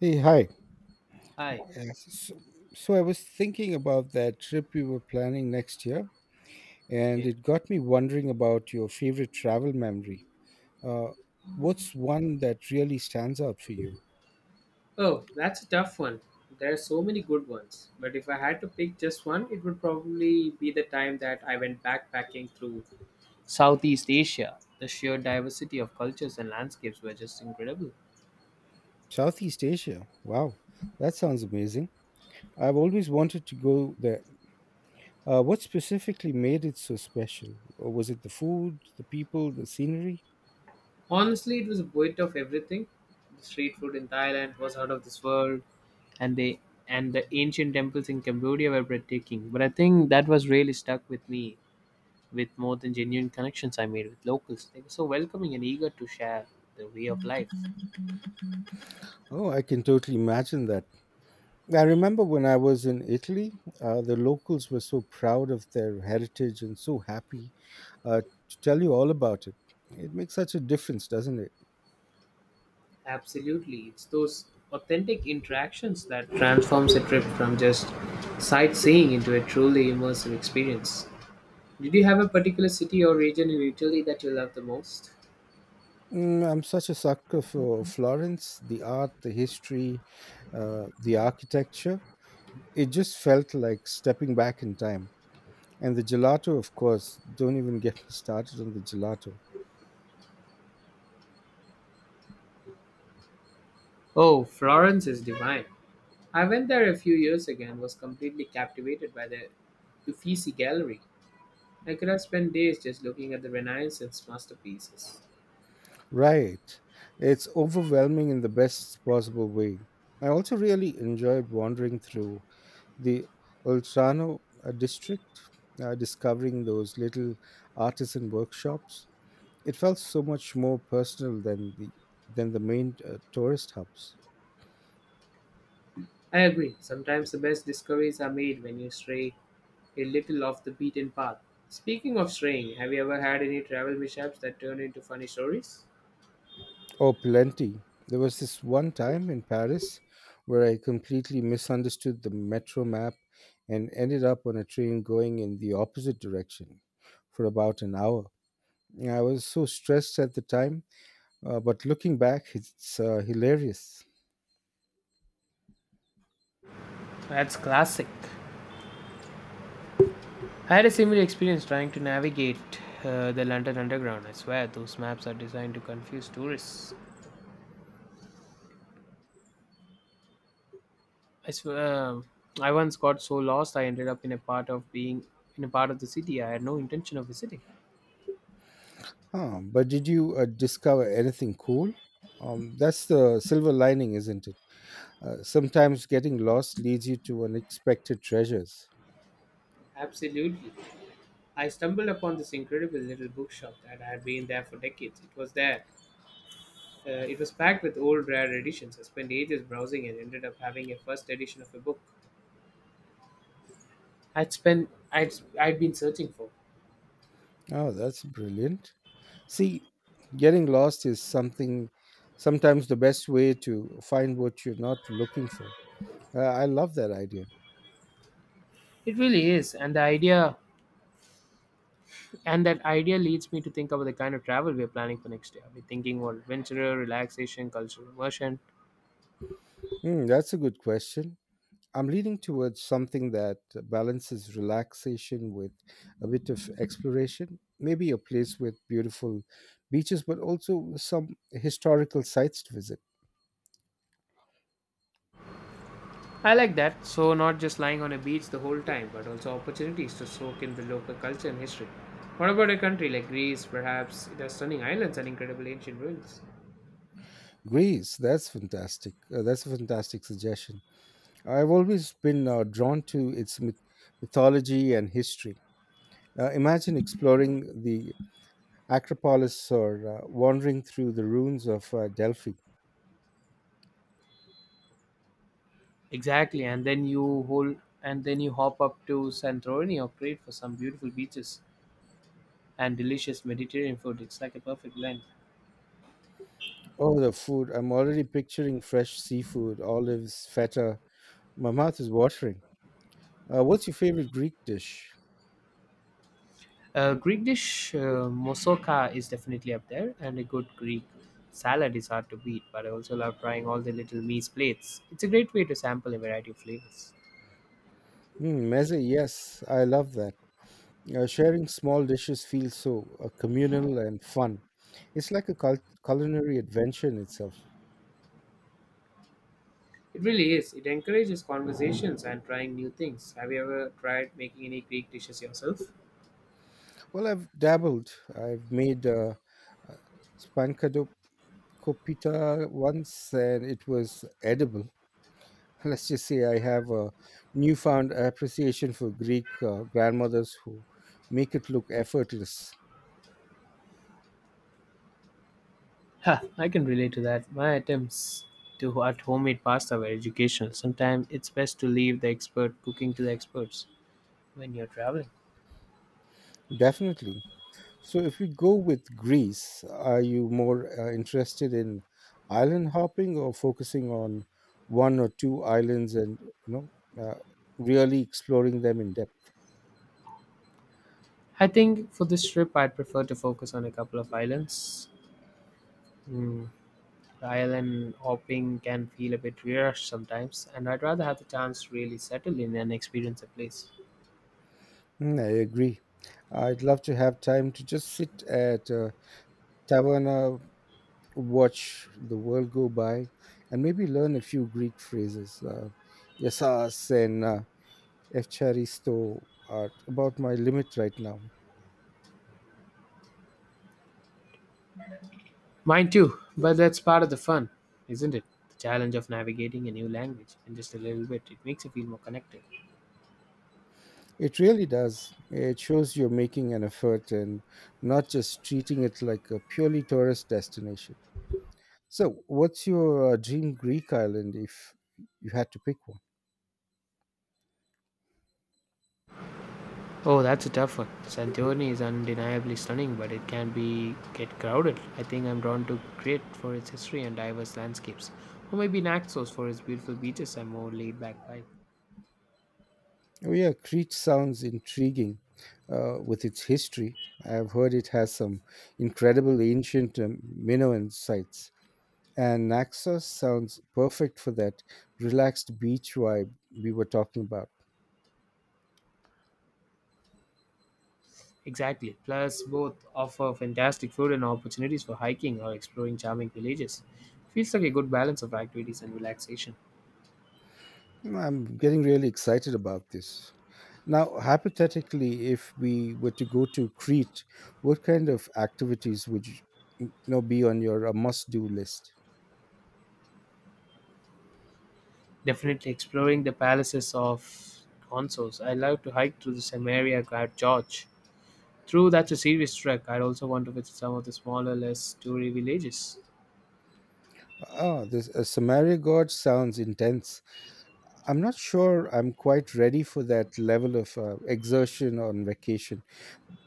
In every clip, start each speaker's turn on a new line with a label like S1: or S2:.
S1: Hey, hi.
S2: Hi.
S1: Yes, so I was thinking about that trip we were planning next year, and
S2: Okay.
S1: it got me wondering about your favorite travel memory. Uh, what's one that really stands out for you?
S2: Oh, that's a tough one. There are so many good ones. But if I had to pick just one, it would probably be the time that I went backpacking through Southeast Asia. The sheer diversity of cultures and landscapes were just incredible.
S1: Southeast Asia. Wow, that sounds amazing. I've always wanted to go there. What specifically made it so special? Was it the food, the people, the scenery?
S2: Honestly, it was a bit of everything. The street food in Thailand was out of this world, and they and the ancient temples in Cambodia were breathtaking. But I think that was really stuck with me with more than genuine connections I made with locals. They were so welcoming and eager to share the way of life.
S1: Oh, I can totally imagine that. I remember when I was in Italy, the locals were so proud of their heritage and so happy uh, to tell you all about it. It makes such a difference, doesn't it?
S2: Absolutely. It's those authentic interactions that transforms a trip from just sightseeing into a truly immersive experience. Did you have a particular city or region in Italy that you love the most?
S1: Mm, I'm such a sucker for Florence, the art, the history, the architecture. It just felt like stepping back in time. And the gelato, of course, don't even get me started on the gelato.
S2: Oh, Florence is divine. I went there a few years ago and was completely captivated by the Uffizi Gallery. I could have spent days just looking at the Renaissance masterpieces.
S1: Right. It's overwhelming in the best possible way. I also really enjoyed wandering through the Oltrano district, discovering those little artisan workshops. It felt so much more personal than the main tourist hubs.
S2: I agree, sometimes the best discoveries are made when you stray a little off the beaten path. Speaking of straying, have you ever had any travel mishaps that turn into funny stories?
S1: Oh, plenty. There was this one time in Paris where I completely misunderstood the metro map and ended up on a train going in the opposite direction for about an hour. I was so stressed at the time, but looking back, it's hilarious.
S2: That's classic. I had a similar experience trying to navigate the London Underground. I swear, those maps are designed to confuse tourists. I swear, I once got so lost I ended up in a part of the city I had no intention of visiting.
S1: Huh, but did you discover anything cool? That's the silver lining, isn't it? Sometimes getting lost leads you to unexpected treasures.
S2: Absolutely. I stumbled upon this incredible little bookshop that had been there for decades. It was packed with old rare editions. I spent ages browsing and ended up having a first edition of a book I'd spent I'd been searching for.
S1: Oh, that's brilliant. See, getting lost is something, sometimes the best way to find what you're not looking for. I love that idea.
S2: It really is, and the idea and that idea leads me to think about the kind of travel we're planning for next year. We're thinking more adventurer, relaxation, cultural immersion.
S1: Hmm, that's a good question. I'm leaning towards something that balances relaxation with a bit of exploration. Maybe a place with beautiful beaches, but also some historical sites to visit.
S2: I like that. So not just lying on a beach the whole time, but also opportunities to soak in the local culture and history. What about a country like Greece? Perhaps it has stunning islands and incredible ancient ruins.
S1: Greece, that's fantastic. That's a fantastic suggestion. I've always been drawn to its mythology and history. Imagine exploring the Acropolis or wandering through the ruins of Delphi.
S2: Exactly, and then you hop up to Santorini or Crete for some beautiful beaches and delicious Mediterranean food. It's like a perfect blend.
S1: Oh, the food. I'm already picturing fresh seafood, olives, feta. My mouth is watering. What's your favorite Greek dish?
S2: Greek dish moussaka is definitely up there, and a good Greek salad is hard to beat. But I also love trying all the little meat plates. It's a great way to sample a variety of flavors.
S1: Mm, meze, yes, I love that. Sharing small dishes feels so communal and fun. It's like a culinary adventure in itself.
S2: It really is. It encourages conversations and trying new things. Have you ever tried making any Greek dishes yourself?
S1: Well, I've dabbled. I've made uh, spanakopita once, and it was edible. Let's just say I have a newfound appreciation for Greek grandmothers who make it look effortless.
S2: Ha! I can relate to that. My attempts to at homemade pasta were educational. Sometimes it's best to leave the expert cooking to the experts when you're traveling.
S1: Definitely. So, if we go with Greece, are you more interested in island hopping or focusing on one or two islands and you know uh, really exploring them in depth?
S2: I think for this trip, I'd prefer to focus on a couple of islands. Mm, island hopping can feel a bit rushed sometimes, and I'd rather have the chance to really settle in and experience a place.
S1: Mm, I agree. I'd love to have time to just sit at a taverna, watch the world go by, and maybe learn a few Greek phrases. Yasas and efcharisto are about my limit right now.
S2: Mine too, but that's part of the fun, isn't it? The challenge of navigating a new language, and just a little bit, it makes you feel more connected.
S1: It really does. It shows you're making an effort and not just treating it like a purely tourist destination. So, what's your dream Greek island if you had to pick one?
S2: Oh, that's a tough one. Santorini is undeniably stunning, but it can be get crowded. I think I'm drawn to Crete for its history and diverse landscapes, or maybe Naxos for its beautiful beaches and more laid-back vibe.
S1: Oh, yeah, Crete sounds intriguing with its history. I've heard it has some incredible ancient Minoan sites. And Naxos sounds perfect for that relaxed beach vibe we were talking about.
S2: Exactly. Plus, both offer fantastic food and opportunities for hiking or exploring charming villages. Feels like a good balance of activities and relaxation.
S1: No, I'm getting really excited about this. Now, hypothetically, if we were to go to Crete, what kind of activities would be on your must-do list?
S2: Definitely exploring the palaces of Consos. I love to hike through the Samaria Guard George. True, that's a serious trek. I'd also want to visit some of the smaller, less toury villages.
S1: Oh, this a Samaria god sounds intense. I'm not sure I'm quite ready for that level of exertion on vacation,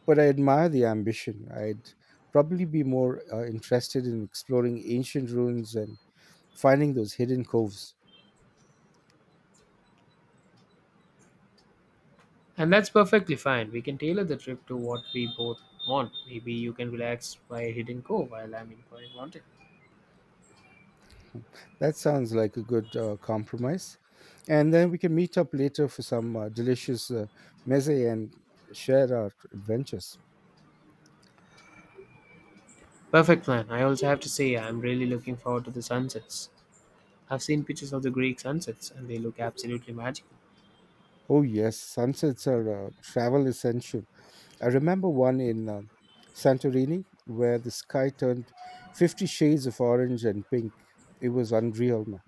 S1: but I admire the ambition. I'd probably be more interested in exploring ancient ruins and finding those hidden coves.
S2: And that's perfectly fine. We can tailor the trip to what we both want. Maybe you can relax by a hidden cove while I'm exploring mountain.
S1: That sounds like a good compromise. And then we can meet up later for some delicious meze and share our adventures.
S2: Perfect plan. I also have to say I'm really looking forward to the sunsets. I've seen pictures of the Greek sunsets and they look absolutely magical.
S1: Oh, yes, sunsets are a travel essential. I remember one in Santorini where the sky turned 50 shades of orange and pink. It was unreal, man.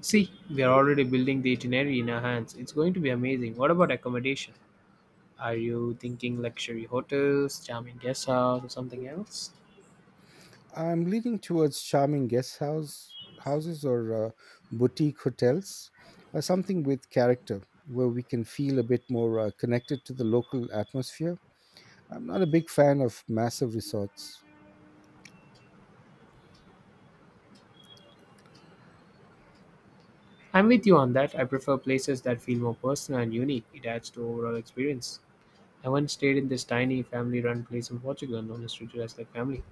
S2: See, we are already building the itinerary in our hands. It's going to be amazing. What about accommodation? Are you thinking luxury hotels, charming guest house, or something else?
S1: I'm leaning towards charming guest house houses or boutique hotels, something with character where we can feel a bit more connected to the local atmosphere. I'm not a big fan of massive resorts.
S2: I'm with you on that. I prefer places that feel more personal and unique. It adds to overall experience. I once stayed in this tiny family-run place in Portugal, known as treated as like family.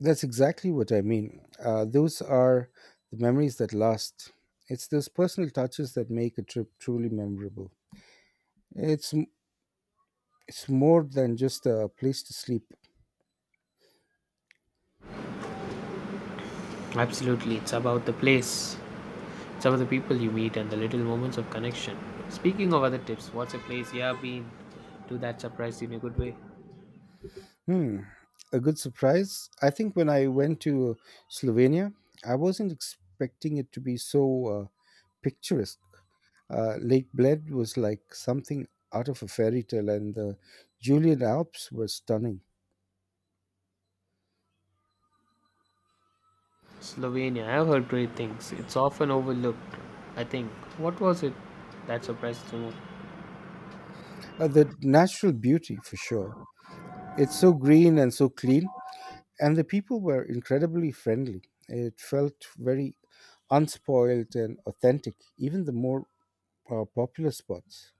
S1: That's exactly what I mean. Those are the memories that last. It's those personal touches that make a trip truly memorable. It's m- it's more than just a place to sleep.
S2: Absolutely, it's about the place. It's about the people you meet and the little moments of connection. Speaking of other tips, what's a place you have been to that surprised you in a good way?
S1: Hmm, a good surprise. I think when I went to Slovenia, I wasn't expecting it to be so picturesque. Lake Bled was like something out of a fairy tale, and the Julian Alps were stunning.
S2: Slovenia. I've heard great things. It's often overlooked, I think. What was it that surprised you most?
S1: The natural beauty, for sure. It's so green and so clean, and the people were incredibly friendly. It felt very unspoiled and authentic, even the more popular spots.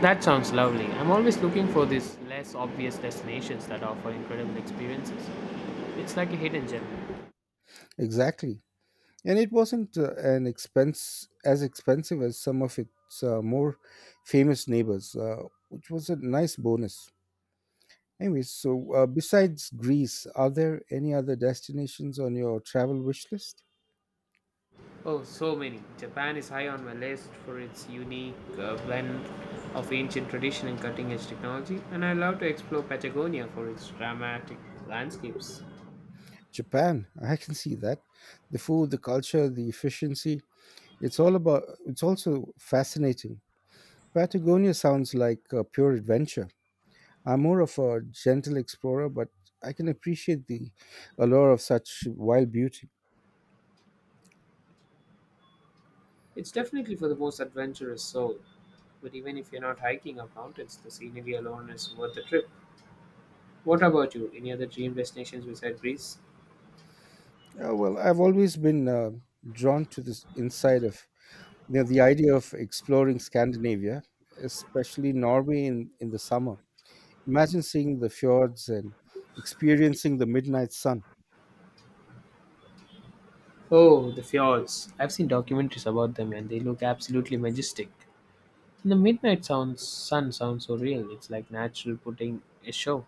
S2: That sounds lovely. I'm always looking for these less obvious destinations that offer incredible experiences. It's like a hidden gem.
S1: Exactly. And it wasn't an expense as expensive as some of its more famous neighbors, which was a nice bonus. Anyway, so besides Greece, are there any other destinations on your travel wish list?
S2: Oh, so many. Japan is high on my list for its unique blend of ancient tradition and cutting edge technology, and I love to explore Patagonia for its dramatic landscapes.
S1: Japan, I can see that. The food, the culture, the efficiency, it's all about it's also fascinating. Patagonia sounds like a pure adventure. I'm more of a gentle explorer, but I can appreciate the allure of such wild beauty.
S2: It's definitely for the most adventurous soul, but even if you're not hiking up mountains, the scenery alone is worth the trip. What about you? Any other dream destinations besides Greece?
S1: Yeah, well, I've always been drawn to this inside of you know, the idea of exploring Scandinavia, especially Norway in the summer. Imagine seeing the fjords and experiencing the midnight sun.
S2: Oh, the fjords. I've seen documentaries about them and they look absolutely majestic. And sun sounds so real, it's like natural putting a show.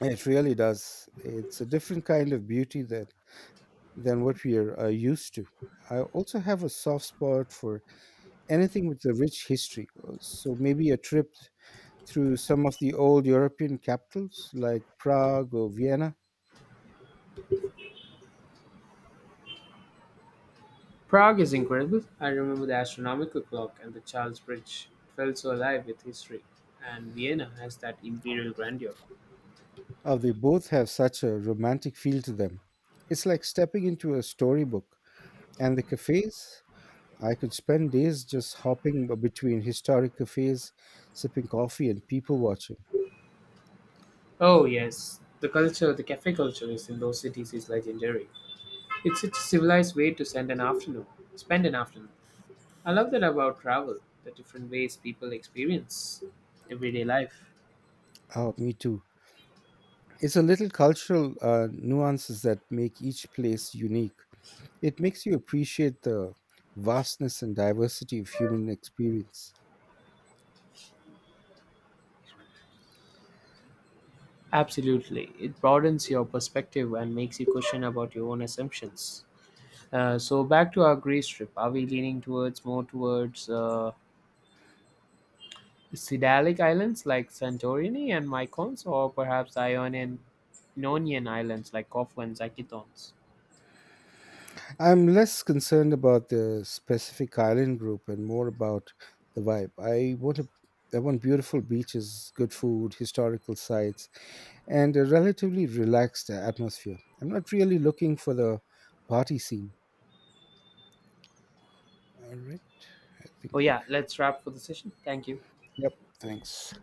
S1: It really does. It's a different kind of beauty that than what we are used to. I also have a soft spot for anything with a rich history. So maybe a trip through some of the old European capitals like Prague or Vienna.
S2: Prague is incredible. I remember the astronomical clock and the Charles Bridge. It felt so alive with history. And Vienna has that imperial grandeur.
S1: Oh, they both have such a romantic feel to them. It's like stepping into a storybook. And the cafes? I could spend days just hopping between historic cafes, sipping coffee, and people watching.
S2: Oh, yes. The culture, the cafe culture is in those cities is legendary. It's such a civilized way to spend an afternoon. I love that about travel, the different ways people experience everyday life.
S1: Oh, me too. It's a little cultural nuances that make each place unique. It makes you appreciate the vastness and diversity of human experience.
S2: Absolutely. It broadens your perspective and makes you question about your own assumptions. So back to our Greece trip. Are we leaning towards Sidalic islands like Santorini and Mykonos, or perhaps Ionian islands like Corfu and Zakynthos?
S1: I'm less concerned about the specific island group and more about the vibe. I want beautiful beaches, good food, historical sites, and a relatively relaxed atmosphere. I'm not really looking for the party scene. All right, I think.
S2: Oh yeah, let's wrap for the session. Thank you.
S1: Yep. Thanks.